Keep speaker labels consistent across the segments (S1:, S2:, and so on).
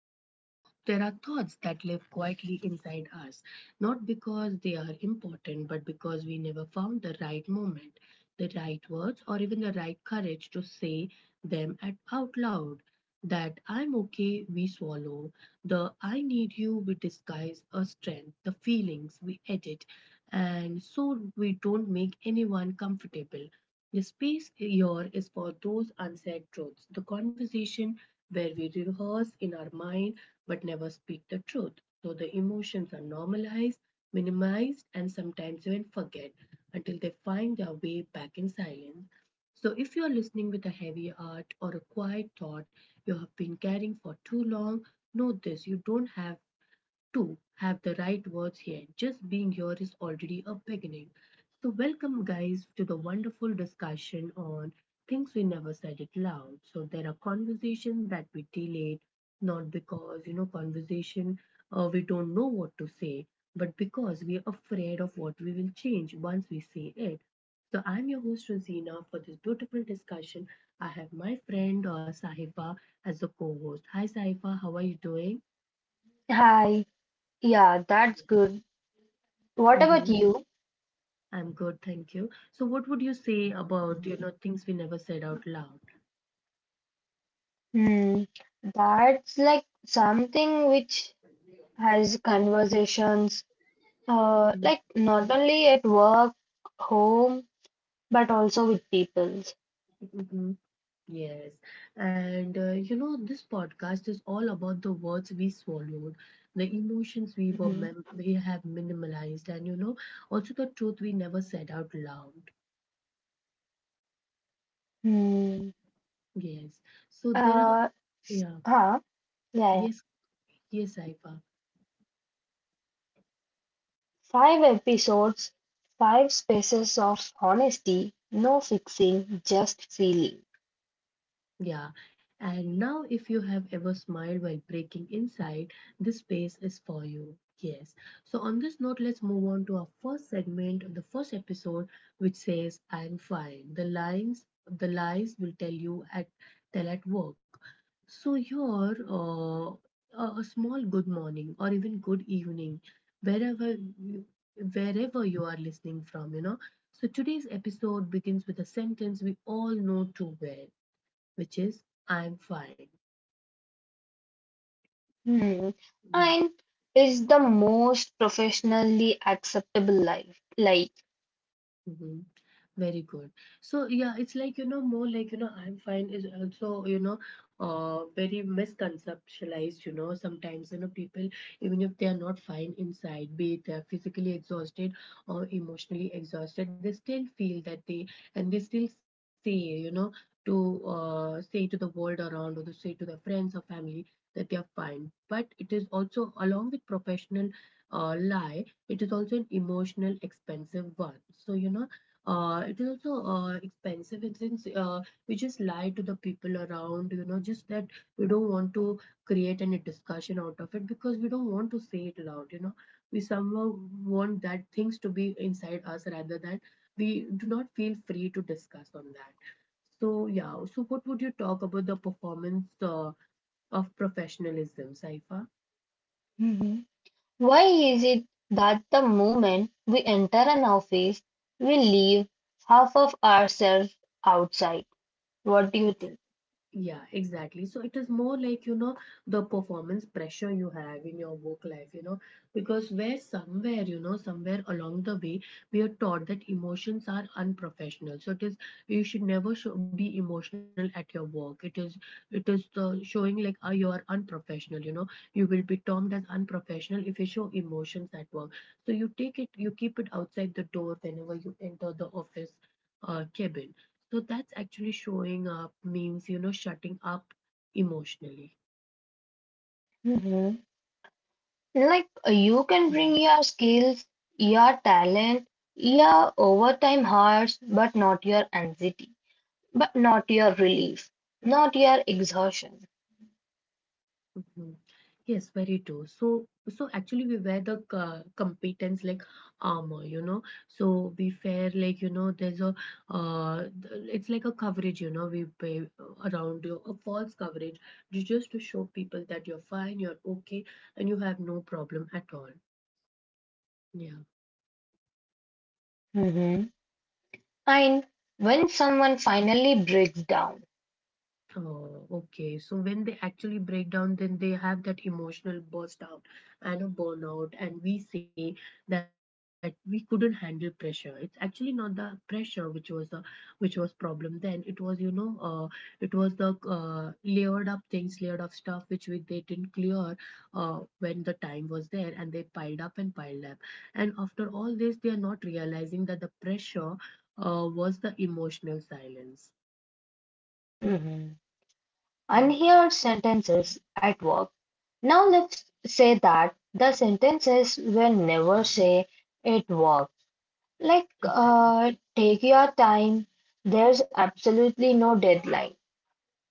S1: There are thoughts that live quietly inside us, not because they are important, but because we never found the right moment, the right words, or even the right courage to say them at out loud. That I'm okay, we swallow. The I need you, we disguise as strength. The feelings, we edit. And so we don't make anyone comfortable. The space here is for those unsaid truths, the conversation where we rehearse in our mind but never speak the truth. So the emotions are normalized, minimized, and sometimes even forget until they find their way back in silence. So if you are listening with a heavy heart or a quiet thought you have been carrying for too long, know this you don't have to have the right words here. Just being here is already a beginning. So, welcome, guys, to the wonderful discussion on things we never said it loud. So, there are conversations that we delayed, not because, you know, conversation we don't know what to say, but because we are afraid of what we will change once we say it. So, I'm your host, Rosina. For this beautiful discussion, I have my friend Sahiba as a co host. Hi, Sahiba, how are you doing?
S2: Hi. Yeah, that's good. What
S1: Yes.
S2: about you?
S1: I'm good, thank you. So, what would you say about, you know, things we never said out loud?
S2: Hmm. That's like something which has conversations, like not only at work, home, but also with people.
S1: Mm-hmm. Yes. And, you know, this podcast is all about the words we swallowed, the emotions we have minimalized, and, you know, also the truth we never said out loud.
S2: Hmm.
S1: Yes. So, there are,
S2: Uh,
S1: yeah.
S2: huh. Yeah.
S1: Yes, yes, Saifa.
S2: Five episodes, five spaces of honesty, no fixing, just feeling.
S1: Yeah, and now if you have ever smiled while breaking inside, this space is for you. Yes. So on this note, let's move on to our first segment of the first episode, which says "I'm fine." The lines, the lies will tell you at tell at work. So your a small good morning or even good evening, wherever you- wherever you are listening from, you know. So today's episode begins with a sentence we all know too well which is I'm fine.
S2: Hmm.
S1: Yeah.
S2: And is the most professionally acceptable life. Like
S1: Mhm. Very good. So yeah, it's like you know more like you know I'm fine is also you know very misconceptualized. You know sometimes you know people even if they are not fine inside, be it they're physically exhausted or emotionally exhausted, they still feel that they and they still say you know to say to the world around or to say to their friends or family that they are fine. But it is also along with professional lie, it is also an emotional expensive one. So you know it is also expensive. It's in, we just lie to the people around, you know, just that we don't want to create any discussion out of it because we don't want to say it loud, you know. We somehow want that things to be inside us rather than we do not feel free to discuss on that. So, yeah. So, what would you talk about the performance of professionalism, Saifa?
S2: mhm. Why is it that the moment we enter an office, we leave half of ourselves outside? What do you think?
S1: Yeah, exactly. So it is more like, you know, the performance pressure you have in your work life, you know, because where somewhere, you know, somewhere along the way, we are taught that emotions are unprofessional. So it is, you should never show, be emotional at your work. It is the showing like you are unprofessional, you know, you will be termed as unprofessional if you show emotions at work. So you take it, you keep it outside the door whenever you enter the office cabin. So that's actually showing up means, you know, shutting up emotionally.
S2: Mhm. Like
S1: Yeah.
S2: you can bring your skills, your talent, your overtime hours, but not your anxiety, but not
S1: Mhm.
S2: your relief, not your exhaustion.
S1: Mhm. Yes, very true. So, so actually we wear competence like armor, you know. So we wear like, you know, it's like a coverage, you know, we pay around you, a false coverage just to show people that you're fine, you're okay, and you have no problem at all. Yeah.
S2: Mhm. And when someone finally breaks down,
S1: Oh, okay. So when they actually break down, then they have that emotional burst out and a burnout, and we say that we couldn't handle pressure. It's actually not the pressure which was the which was problem then. It was you know, it was the layered up things, layered up stuff which we they didn't clear when the time was there, and they piled up. And after all this, they are not realizing that the pressure was the emotional silence. Yeah,
S2: unheard sentences at work. Now let's say that the sentences will never say it work. Like
S1: exactly.
S2: take your time. There's absolutely no deadline.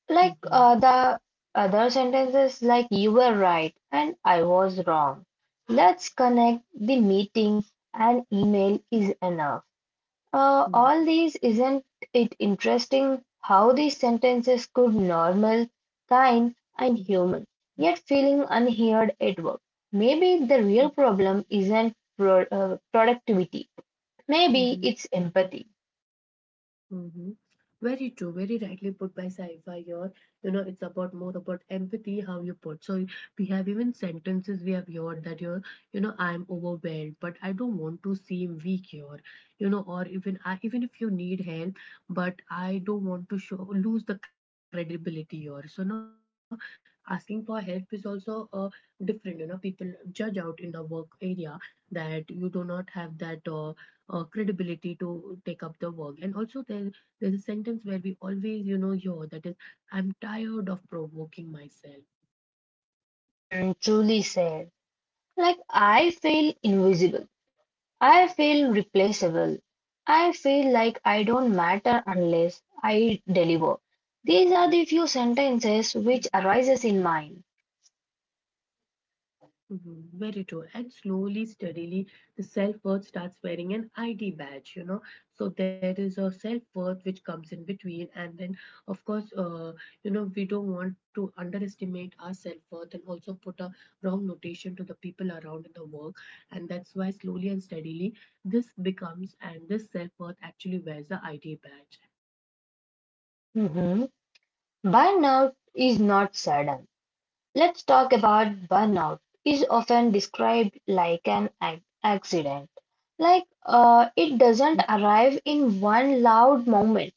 S2: Like
S1: Mhm.
S2: the other sentences like you were right and I was wrong. Let's connect the meeting and email is enough. All
S1: Mhm.
S2: these, isn't it interesting how these sentences could normal, kind,
S1: Mhm.
S2: and human, yet feeling unheard at work? Maybe the real problem isn't productivity. Maybe
S1: Mhm.
S2: it's empathy.
S1: Mm-hmm. Very true, very rightly put by Saifa here. You know, it's about more about empathy, how you put. So we have even sentences we have heard that you're, you know, I'm overwhelmed, but I don't want to seem weak here. You know, or even I even if you need help, but I don't want to show lose the credibility here. So no, asking for help is also different. You know, people judge out in the work area that you do not have that credibility to take up the work and also there's a sentence where we always, you know, your that is, I'm tired of provoking myself.
S2: Hmm, truly said. Like I feel invisible. I feel replaceable. I feel like I don't matter unless I deliver. These are the few sentences which arises in mind.
S1: Mhm. Very true. And slowly, steadily, the self worth starts wearing an ID badge, you know. So there is a self worth which comes in between. And then, of course, you know, we don't want to underestimate our self worth and also put a wrong notation to the people around in the work. And that's why, slowly and steadily, this becomes and this self worth actually wears the ID badge.
S2: Mhm. Burnout is not sudden. Let's talk about burnout is often described like an accident. Like it doesn't arrive in one loud moment.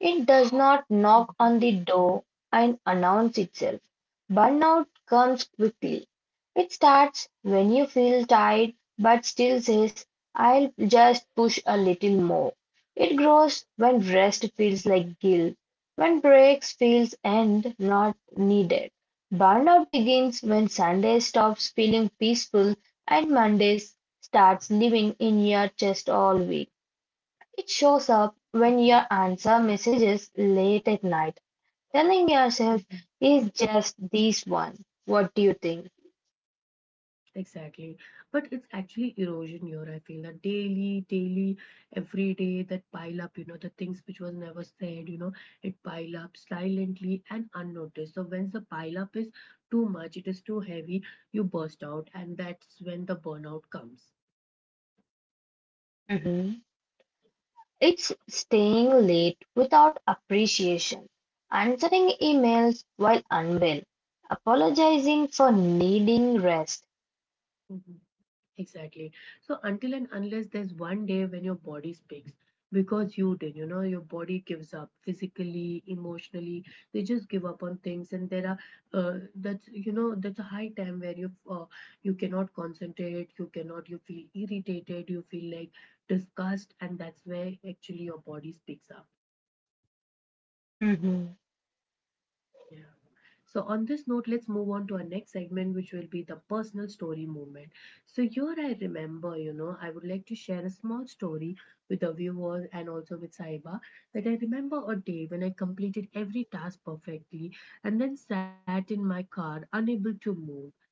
S2: It does not knock
S1: Mhm,
S2: on the door and announce itself. Burnout comes quickly. It starts when you feel tired but still says, I'll just push a little more. It grows when rest feels like guilt, when breaks feels and not needed. Burnout begins when Sunday stops feeling peaceful and Mondays starts living in your chest all week. It shows up when
S1: right,
S2: you answer messages late at night, telling yourself
S1: mhm.
S2: it's just this one. What do you think?
S1: Exactly. But it's actually erosion here, I feel that daily, daily, every day that pile up, you know, the things which was never said, you know, it pile up silently and unnoticed. So when the pile up is too much, it is too heavy, you burst out, and that's when the burnout comes.
S2: Hmm. It's staying late without appreciation, answering emails while unwell, apologizing for needing rest.
S1: Mhm. Exactly. So until and unless there's one day when your body speaks, because you did, you know, your body gives up physically, emotionally. They just give up on things, and there are that's you know that's a high time where you cannot concentrate, you cannot, you feel irritated, you feel like disgust, and that's where actually your body speaks up.
S2: Hmm.
S1: Yeah. So on this note, let's move on to our next segment, which will be the personal story movement. So here I remember, you know, I would like to share a small story with the viewers and also with Saiba that I remember a day when I completed every task perfectly and then sat in my car unable to move.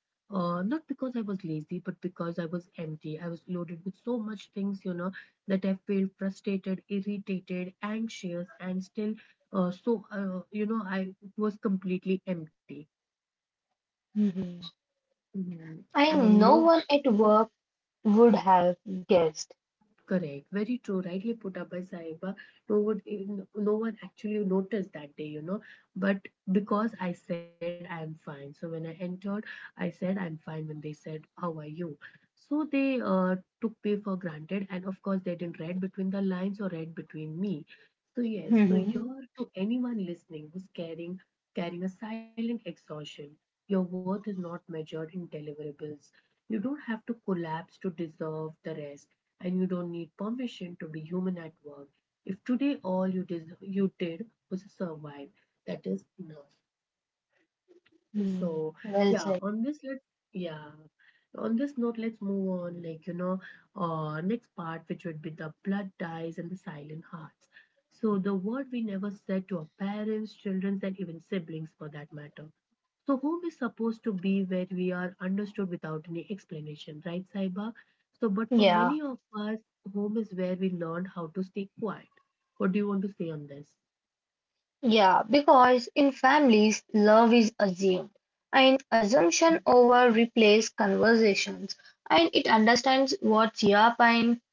S1: Not because I was lazy, but because I was empty. I was loaded with so much things, you know, that I felt frustrated, irritated, anxious, and still, you know, I was completely empty.
S2: Hmm.
S1: Mhm. And
S2: And no
S1: no
S2: one at work would have guessed.
S1: Correct. Very true. Rightly put up by Saiba. No one, even- no one actually noticed that day, you know. But because I said I am fine. So when I entered, I said I'm fine. When they said, "How are you?" So they took me for granted, and of course they didn't read between the lines or read between me. So yes. So
S2: Hmm.
S1: you're to anyone listening who's carrying a silent exhaustion. Your worth is not measured in deliverables. You don't have to collapse to deserve the rest and you don't need permission to be human at work. If today you did was survive, that is enough.
S2: Hmm.
S1: So
S2: Well
S1: yeah,
S2: said.
S1: on this let's yeah, on this note let's move on. Like you know, next part which would be the blood ties and the silent hearts. So the word we never said to our parents, children, and even siblings for that matter. So home is supposed to be where we are understood without any explanation, right, Saiba? So, but for
S2: Yeah.
S1: many of us, home is where we learn how to stay quiet. What do you want to say on this?
S2: Yeah, because in families, love is assumed, and assumption over replace conversations, and it understands what's your pain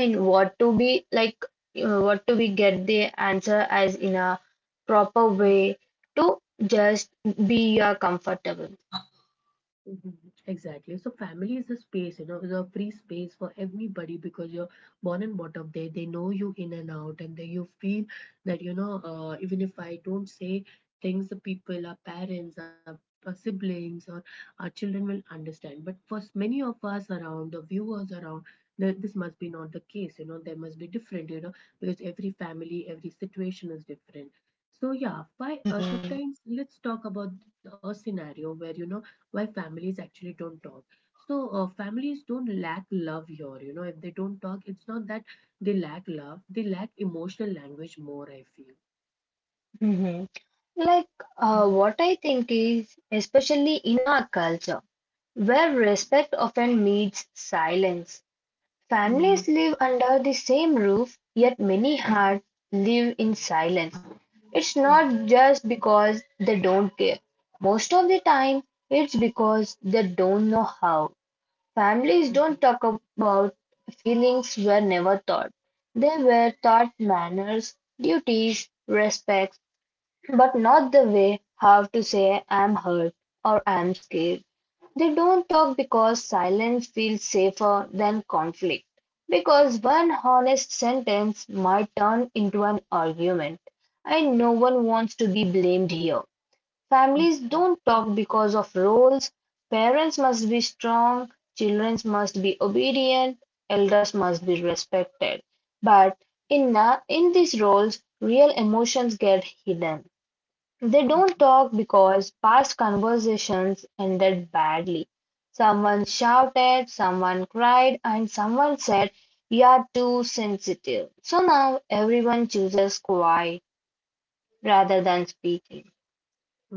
S2: and what to be like, what to be get the answer as in a proper way to just be comfortable.
S1: Mhm, exactly. So family is a space, you know, the free space for everybody because you're born and brought up there. They know you in and out, and then you feel that you know, even if I don't say things, the people, our parents, our siblings, or our children will understand. But for many of us around, the viewers around, this must be not the case. You know, there must be different. You know, because every family, every situation is different. So yeah, why
S2: Mhm.
S1: sometimes let's talk about a scenario where you know why families actually don't talk. So families don't lack love here, you know. If they don't talk, it's not that they lack love, they lack emotional language more, I feel.
S2: Mhm. Like,
S1: Mhm.
S2: what I think is, especially in our culture, where respect often meets silence. Families
S1: Mhm.
S2: live under the same roof, yet many hearts live in silence. It's not just because they don't care. Most of the time, it's because they don't know how. Families
S1: Mhm.
S2: don't talk about feelings were never taught. They were taught manners, duties, respects, but not the way how to say I'm hurt or I'm scared. They don't talk because silence feels safer than conflict. Because one honest sentence might turn into an argument. And no one wants to be blamed here. Families
S1: Mhm.
S2: don't talk because of roles. Parents must be strong, children must be obedient, elders must be respected. But in these roles, real emotions get hidden. They don't talk
S1: Mhm.
S2: because past conversations ended badly. Someone shouted, someone cried, and someone said, you're too sensitive. So now everyone chooses quiet rather
S1: Mhm.
S2: than speaking.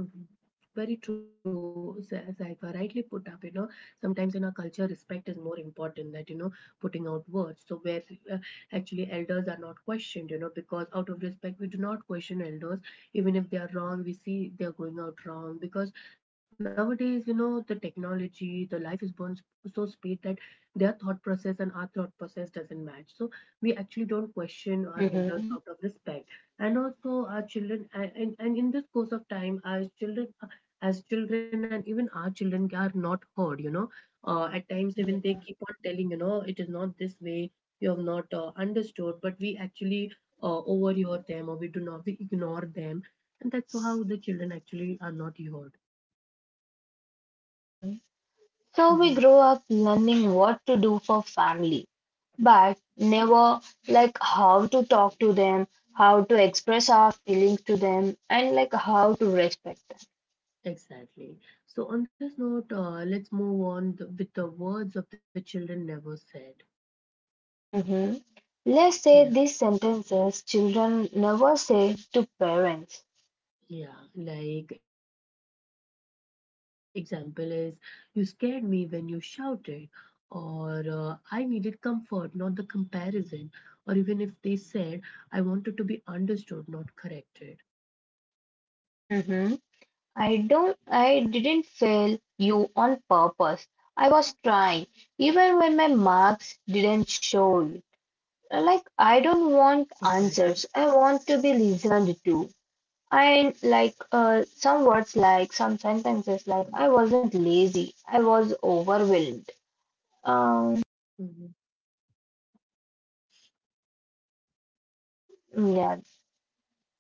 S1: Mhm. Very true. So as I rightly put up, you know, sometimes in our culture, respect is more important than, you know, putting out words. So where uh, actually elders are not questioned, you know, because out of respect, we do not question elders. Even if they are wrong, we see they are going out wrong. Because nowadays, you know, the technology, the life is born so speed that their thought process and our thought process doesn't match. So we actually don't question our elders
S2: Mhm.
S1: out of respect, and also our children and, and in this course of time our children as children, and even our children are not heard, you know. At times even they
S2: Yeah.
S1: keep on telling, you know, it is not this way, you have not understood, but we actually overhear them, or we do not, we ignore them, and that's how the children actually are not heard.
S2: Hmm. So
S1: Hmm.
S2: we grow up learning what to do for family, but never like how to talk to them, how to express our feelings to them, and like how to respect
S1: Exactly. So on this note, let's move on with the words of the children never said.
S2: them. Let's say
S1: Yeah.
S2: these sentences children never say to parents.
S1: Yeah, like example is, you scared me when you shouted, or I needed comfort, not the comparison, or even if they said, I wanted to be understood, not corrected.
S2: Hmm. I don't I didn't fail you on purpose. I was trying even when my marks didn't show it. Like I don't
S1: Exactly.
S2: want answers. I want to be listened to. And like some words like some sentences like I wasn't lazy. I was overwhelmed. Um,
S1: Mm-hmm.
S2: yeah,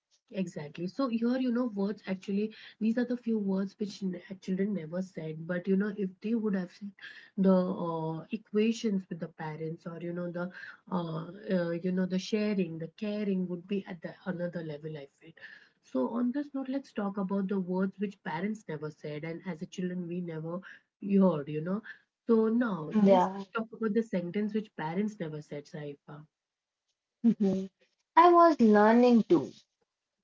S1: Exactly. So here, you know, words actually, these are the few words which children never said. But you know, if they would have said, the equations with the parents, or uh, you know, the sharing, the caring would be at the another level, I feel. So on this note, let's talk about the words which parents never said, and as a children, we never heard, you know. So now let's
S2: yeah.
S1: talk about the sentence which parents never said, Saifa.
S2: Mm-hmm. I was learning too.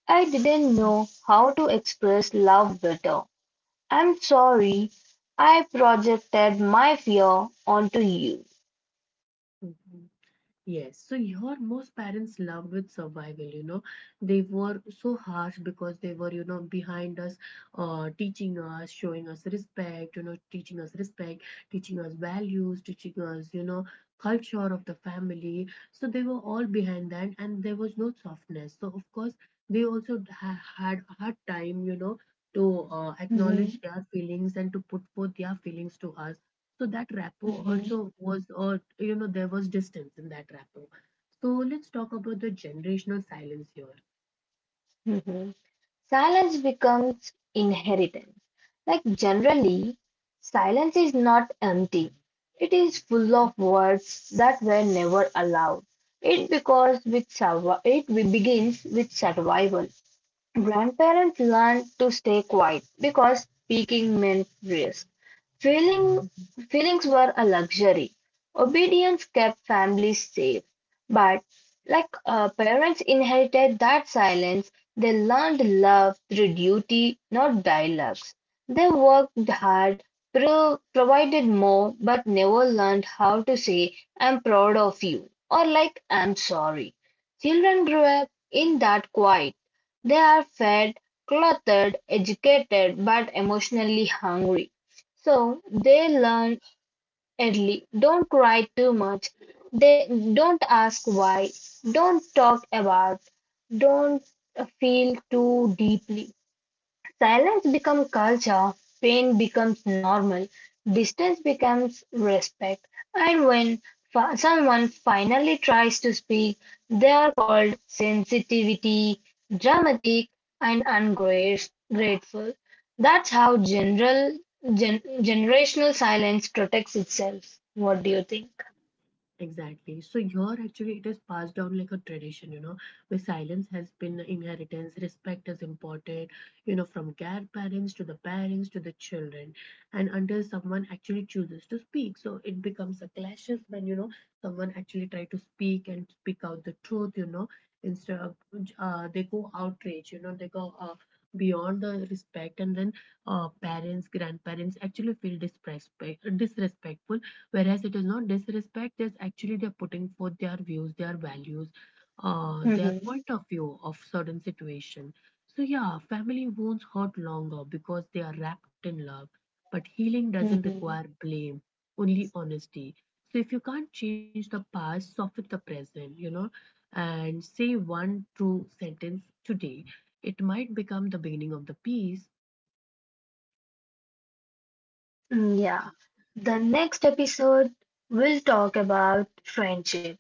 S2: I didn't know how to express love better. I'm
S1: Mhm.
S2: sorry I projected my fear onto you.
S1: Mhm. Yes, so your most parents loved with survival, you know. They were so harsh because they were, you know, behind us, teaching us, showing us respect, you know, teaching us respect, teaching us values, teaching us, you know, culture of the family. So they were all behind that and there was no softness. So, of course, they also had a hard time, you know, to acknowledge
S2: Mhm.
S1: their feelings and to put forth their feelings to us, so that rapport
S2: Mhm.
S1: also was, or you know, there was distance in that rapport. So let's talk about the generational silence here.
S2: Mhm. Silence becomes inheritance. Like generally, silence is not empty. It is full of words that were never allowed. It because it begins with survival. Grandparents learned to stay quiet because speaking meant risk. Feeling, feelings were a luxury. Obedience kept families safe. But like parents inherited that silence, they learned love through duty, not dialogues. They worked hard, provided more, but never learned how to say, I'm proud of you, or like, I'm sorry. Children grew up in that quiet, they are fed, clothed, educated, but emotionally hungry, so they learn early. Don't cry too much. They don't ask why. Don't talk about. Don't feel too deeply. Silence becomes culture, pain becomes normal, distance becomes respect, and when someone finally tries to speak, they are called sensitivity, dramatic, and ungrateful. That's how generational silence protects itself. What do you think?
S1: Exactly. So your actually it is passed down like a tradition, you know, where silence has been inheritance, respect is imported, you know, from grandparents to the parents to the children. And until someone actually chooses to speak. So it becomes a clashes when, you know, someone actually try to speak and speak out the truth, you know, instead of they go outrage, you know, they go beyond the respect, and then parents grandparents actually feel disrespect disrespectful, whereas it is not disrespect, it's actually they're putting forth their views, their values, their
S2: Mhm.
S1: point of view of certain situation. So yeah, family wounds hurt longer because they are wrapped in love, but healing doesn't
S2: Mhm.
S1: require blame, only honesty. So if you can't change the past, soften the present, you know, and say one true sentence today, it might become the beginning of the peace.
S2: Mm, yeah. The next episode, we'll talk about friendship.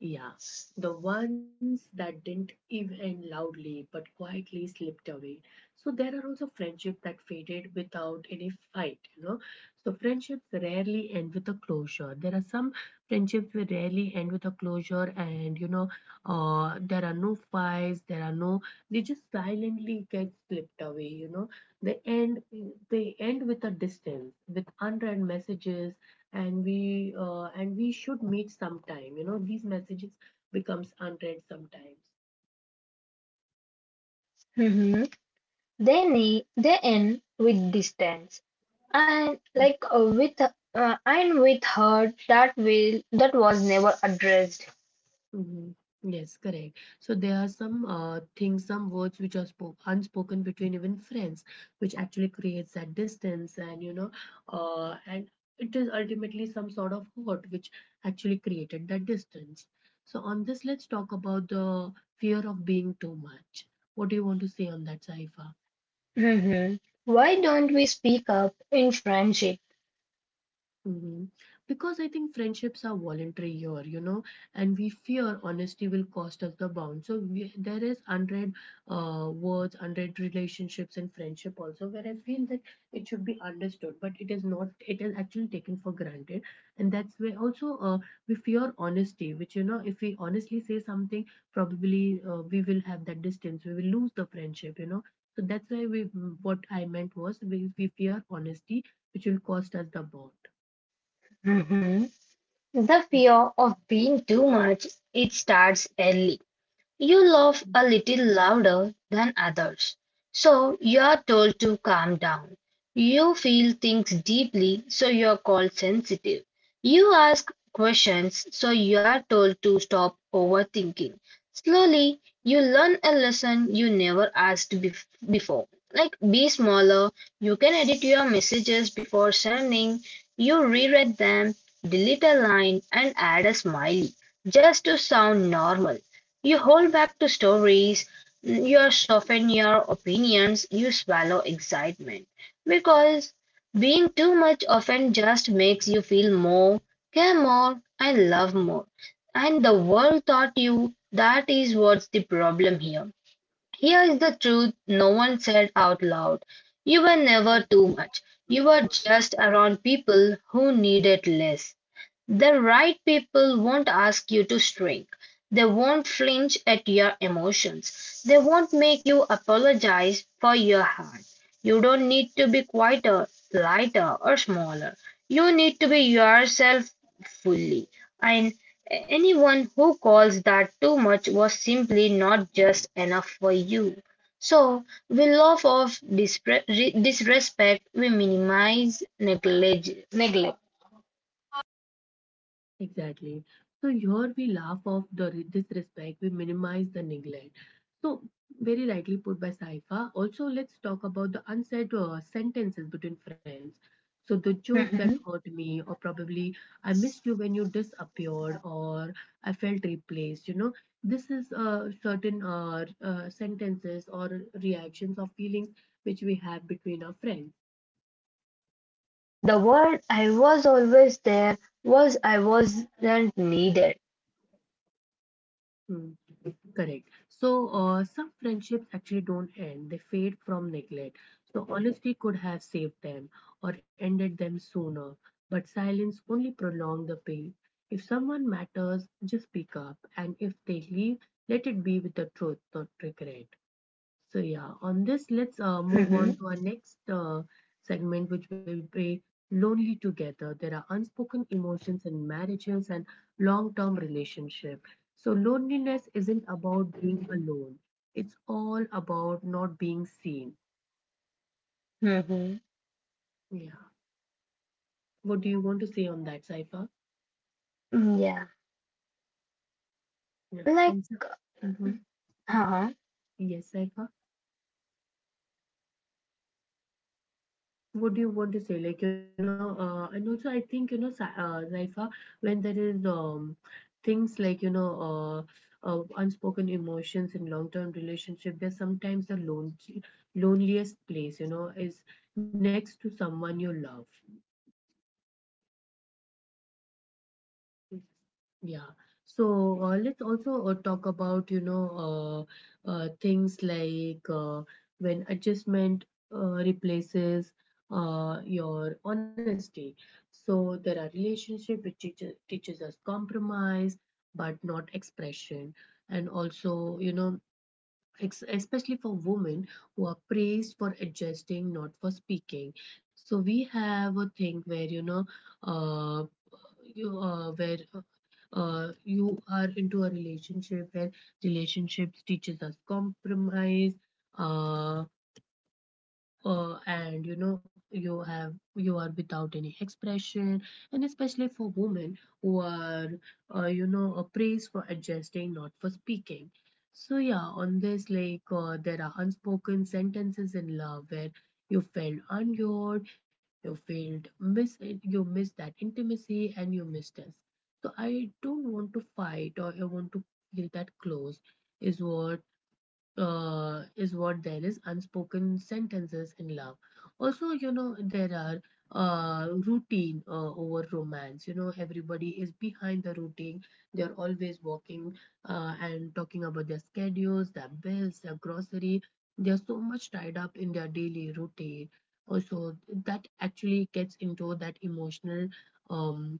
S1: Yeah, the ones that didn't even loudly but quietly slipped away. So there are also friendships that faded without any fight, you know. So friendships rarely end with a closure. There are some friendships will rarely end with a closure, and you know, there are no fights, there are no, they just silently get slipped away, you know. They end, they end with a distance, with unread messages, and we should meet sometime, you know, these messages becomes unread sometimes.
S2: Mhm. They end with distance, and like with and with hurt that was never addressed.
S1: Hmm. Yes, correct. So there are some things, some words which are spoke, unspoken between even friends, which actually creates that distance, and you know, and it is ultimately some sort of hurt which actually created that distance. So on this, let's talk about the fear of being too much. What do you want to say on that, Saifa?
S2: Mhm. Why don't we speak up in friendship?
S1: Hmm. Because I think friendships are voluntary here, you know, and we fear honesty will cost us the bond. So we, there is unread words, unread relationships in friendship also, where I feel that it should be understood, but it is not. It is actually taken for granted, and that's where also we fear honesty, which, you know, if we honestly say something, probably we will have that distance. We will lose the friendship, you know. So that's why we. What I meant was we fear honesty, which will cost us the bond.
S2: Mhm. The fear of being too much it starts early. You laugh a little louder than others, so you're told to calm down. You feel things deeply, so you're called sensitive. You ask questions, so you're told to stop overthinking. Slowly, you learn a lesson you never asked before. Like be smaller, you can edit your messages before sending, you reread them, delete a line, and add a smiley just to sound normal. You hold back to stories, you soften your opinions, you swallow excitement. Because being too much often just makes you feel more, care more, and love more. And the world taught you that is what's the problem here. Here is the truth no one said out loud. You were never too much. You were just around people who needed less. The right people won't ask you to shrink. They won't flinch at your emotions. They won't make you apologize for your heart. You don't need to be quieter, lighter, or smaller. You need to be yourself fully. And anyone who calls that too much was simply not just enough for you. So we laugh off disrespect, we minimize neglect.
S1: Exactly. So here we laugh off the disrespect, we minimize the neglect. So very rightly put by Saifa. Also, let's talk about the unsaid sentences between friends. So the joke that hurt
S2: Mhm.
S1: me, or probably I missed you when you disappeared, or I felt replaced. You know, this is certain sentences or reactions or feelings which we have between our friends.
S2: The word I was always there was I wasn't needed.
S1: Hmm. Correct. So, some friendships actually don't end, they fade from neglect. So, honesty could have saved them or ended them sooner, but silence only prolonged the pain. If someone matters, just speak up, and if they leave, let it be with the truth, not regret. So yeah, on this, let's move on
S2: Mhm.
S1: to our next segment, which will be lonely together. There are unspoken emotions in marriages and long-term relationship. So loneliness isn't about being alone. It's all about not being seen.
S2: Mhm.
S1: Yeah. What do you want to say on that, Saifa?
S2: Mm, yeah.
S1: Yeah.
S2: Like,
S1: And so, mhm.
S2: huh?
S1: Yes, Saifa. What do you want to say like, you know, and also I think, you know, Zaifa, when there is things like, you know, unspoken emotions in long term relationship, there's sometimes the loneliest place, you know, is next to someone you love. Yeah. So let's also talk about, you know, things like when adjustment replaces your honesty. So there are relationships which teaches us compromise, but not expression. And also, you know, ex especially for women who are praised for adjusting, not for speaking. So we have a thing where, you know, uh, you where you are into a relationship where relationships teaches us compromise, uh, and you know you have you are without any expression, and especially for women who are you know a praise for adjusting, not for speaking. So yeah, on this like, there are unspoken sentences in love where you felt unheard, you felt miss, you miss that intimacy, and you missed us. So I don't want to fight, or I want to feel that close is what is what there is unspoken sentences in love. Also, you know, there are routine over romance. You know, everybody is behind the routine, they're always walking and talking about their schedules, their bills, their grocery, they're so much tied up in their daily routine also, that actually gets into that emotional um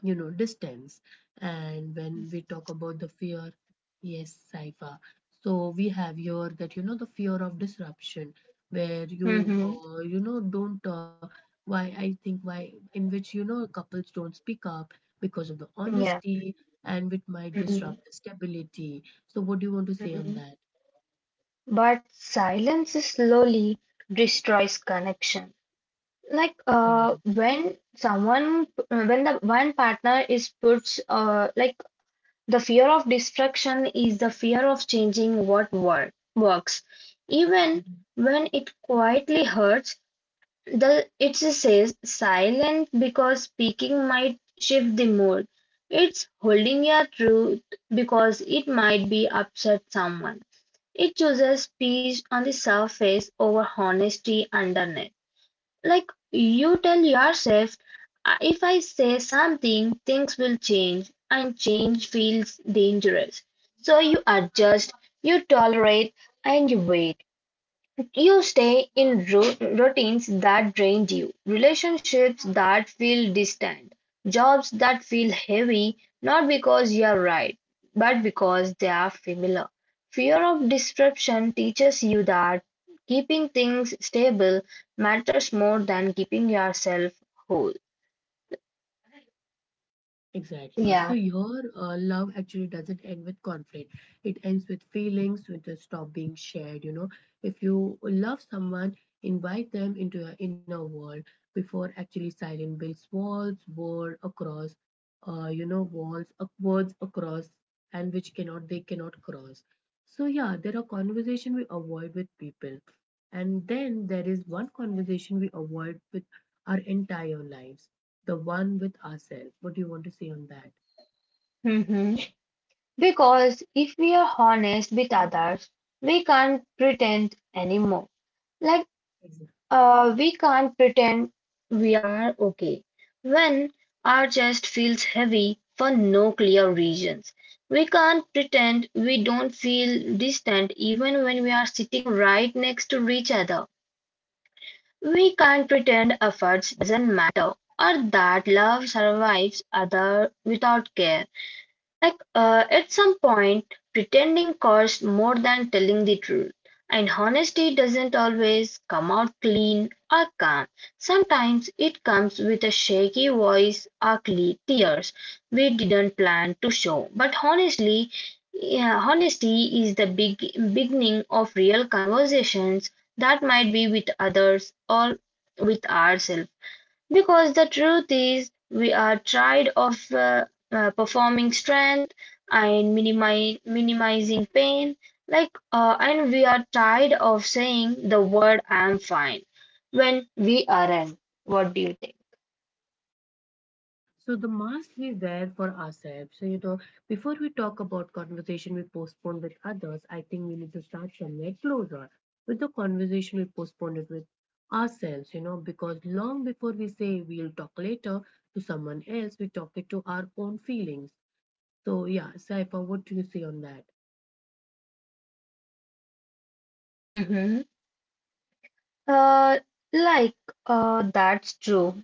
S1: you know distance. And when we talk about the fear, yes Saifa, so we have here that, you know, the fear of disruption, where you
S2: Mhm.
S1: you know don't why I think why, in which you know couples don't speak up because of the
S2: Yeah.
S1: honesty, and which might disrupt
S2: Mhm.
S1: the stability. So what do you want to say on
S2: Mhm.
S1: that?
S2: But silence slowly destroys connection. Like
S1: Exactly.
S2: when someone, when the one partner is puts, like the fear of destruction is the fear of changing what work works, even
S1: Mhm.
S2: when it quietly hurts. The it says silent because speaking might shift the mood. It's holding your truth because it might be upset someone. It chooses peace on the surface over honesty underneath. Like you tell yourself, If I say something, things will change, and change feels dangerous. So you adjust, you tolerate, and you wait. You stay in routines that drain you, relationships that feel distant, jobs that feel heavy, not because you're right, but because they are familiar. Fear of disruption teaches you that keeping things stable matters more than keeping yourself whole.
S1: Exactly. So
S2: Yeah.
S1: your love actually doesn't end with conflict, it ends with feelings, with the stop being shared, you know. If you love someone, invite them into your inner world before actually silence builds walls world across, you know walls words across, and which cannot they cannot cross. So yeah, there are conversation we avoid with people, and then there is one conversation we avoid with our entire lives, the one with ourselves. What do you want to say on that?
S2: Hmm. Because if we are honest with others, we can't pretend anymore. Like we can't pretend we are okay when our chest feels heavy for no clear reasons. We can't pretend we don't feel distant even when we are sitting right next to each other. We can't pretend efforts doesn't matter or that love survives other without care. Like at some point, pretending costs more than telling the truth, and honesty doesn't always come out clean or calm. Sometimes it comes with a shaky voice, ugly tears we didn't plan to show. But honestly, yeah, honesty is the big beginning of real conversations that might be with others or with ourselves. Because the truth is, we are tired of performing strength and minimizing pain. Like, and we are tired of saying the word "I'm fine" when we aren't. What do you think?
S1: So the must is there for ourselves. So you know, before we talk about conversation we postpone with others, I think we need to start somewhere closer. With the conversation we postpone it with ourselves, you know, because long before we say we'll talk later to someone else, we talk it to our own feelings. So yeah, Saifa, what do you say on that?
S2: Hmm. Uh, like, that's true.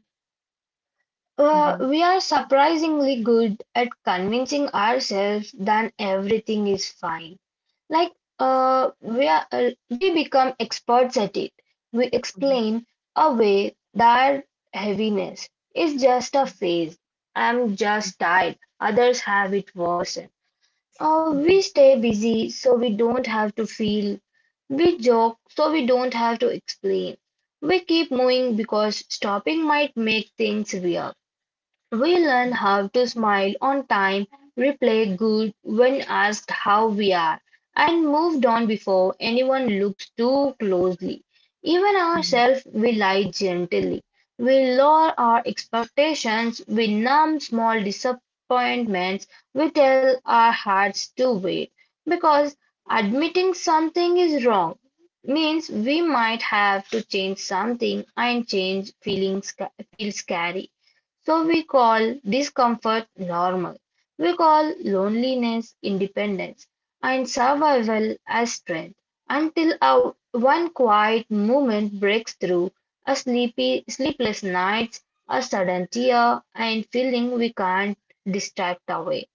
S1: Mm-hmm.
S2: We are surprisingly good at convincing ourselves that everything is fine. Like
S1: Yes.
S2: we become experts at it. We
S1: Mhm.
S2: explain away that heaviness is just a phase. I'm just tired. Others have it worse.
S1: Mhm.
S2: We stay busy so we don't have to feel. We joke so we don't have to explain. We keep moving because stopping might make things weird. We learn how to smile on time, reply good when asked how we are, and moved on before anyone looks too closely. Even
S1: Mhm.
S2: ourselves, we lie gently. We lower our expectations, we numb small disappointments, we tell our hearts to wait. Because admitting something is wrong means we might have to change something, and change feelings feels scary. So we call discomfort normal. We call loneliness independence and survival as strength until a, one quiet moment breaks through a sleepy, sleepless night, a sudden tear, and feeling we can't distract away.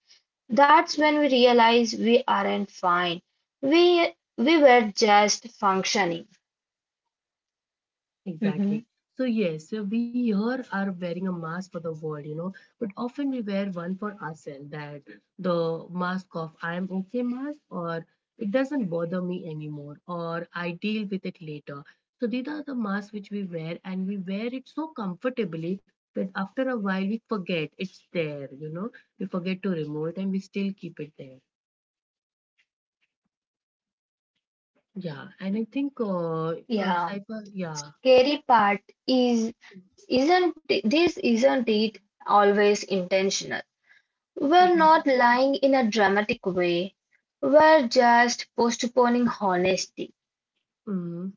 S2: That's when we realize we aren't fine. We we were just functioning. Mhm.
S1: Exactly. So, yes, so we here are wearing a mask for the world, you know, but often we wear one for ourselves, that the mask of I am okay mask, or it doesn't bother me anymore, or I deal with it later. So, these are the masks which we wear, and we wear it so comfortably that after a while we forget it's there, you know, we forget to remove it and we still keep it there. Yeah, and I think,
S2: Yeah.
S1: Saifa, yeah.
S2: Scary part is Isn't isn't it always intentional? We're not lying in a dramatic way. We're just postponing honesty.
S1: Hmm.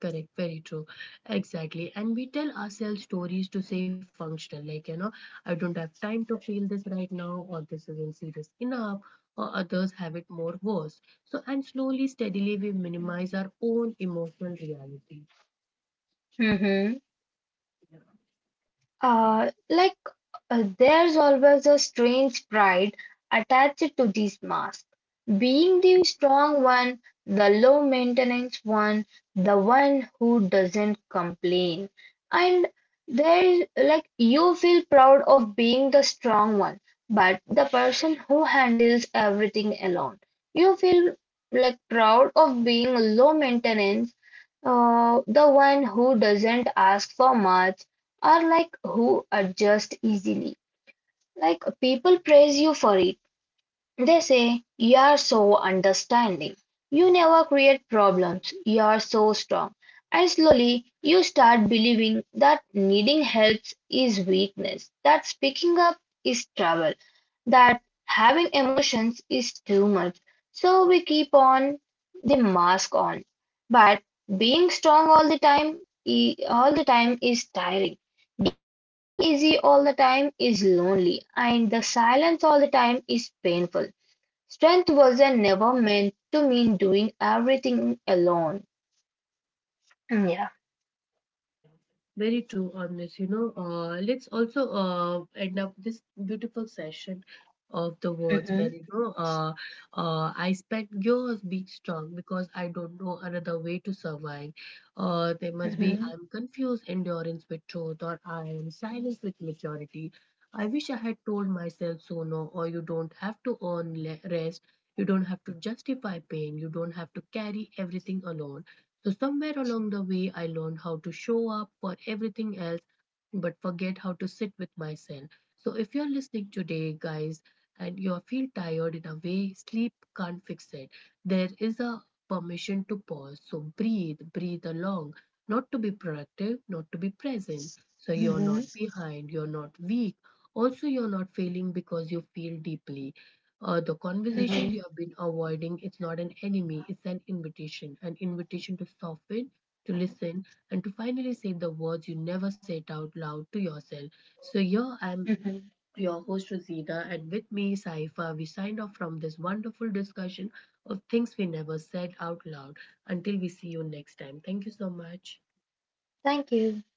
S1: Correct, very true. Exactly. And we tell ourselves stories to say functional, like, you know, I don't have time to feel this right now, or this isn't serious enough, or others have it more worse. So, and slowly, steadily, we minimize our own emotional reality.
S2: Mhm. Uh, like, there's always a strange pride attached to this mask. Being the strong one, the low maintenance one, the one who doesn't complain. And there's like, you feel proud of being the strong one, but the person who handles everything alone. You feel like proud of being low maintenance, the one who doesn't ask for much are like who adjust easily. Like people praise you for it. They say, you are so understanding. You never create problems. You are so strong. And slowly you start believing that needing help is weakness, that speaking up is trouble, that having emotions is too much. So we keep on the mask on. But being strong all the time, all the time is tiring easy all the time is lonely, and the silence all the time is painful. Strength wasn't never meant to mean doing everything alone. Yeah.
S1: Yeah, very true on this. You know, let's also end up this beautiful session of the words where,
S2: Hmm.
S1: you know, I spent yours being strong because I don't know another way to survive. There must be
S2: Hmm.
S1: I'm confused endurance with truth, or I am silence with maturity. I wish I had told myself sooner, or you don't have to earn rest. You don't have to justify pain. You don't have to carry everything alone. So, somewhere along the way, I learned how to show up for everything else but forget how to sit with myself. So, if you're listening today, guys, and you feel tired in a way sleep can't fix it, there is a permission to pause. So, breathe, breathe along, not to be productive, not to be present. So, you're not
S2: Hmm.
S1: behind, you're not weak. Also, you're not failing because you feel deeply. The conversations you
S2: Hmm.
S1: have been avoiding, it's not an enemy, it's an invitation. An invitation to soften, to listen, and to finally say the words you never said out loud to yourself. So, here I'm your host, Rosita, and with me, Saifa. We signed off from this wonderful discussion of things we never said out loud. Until we see you next time. Thank you so much.
S2: Thank you.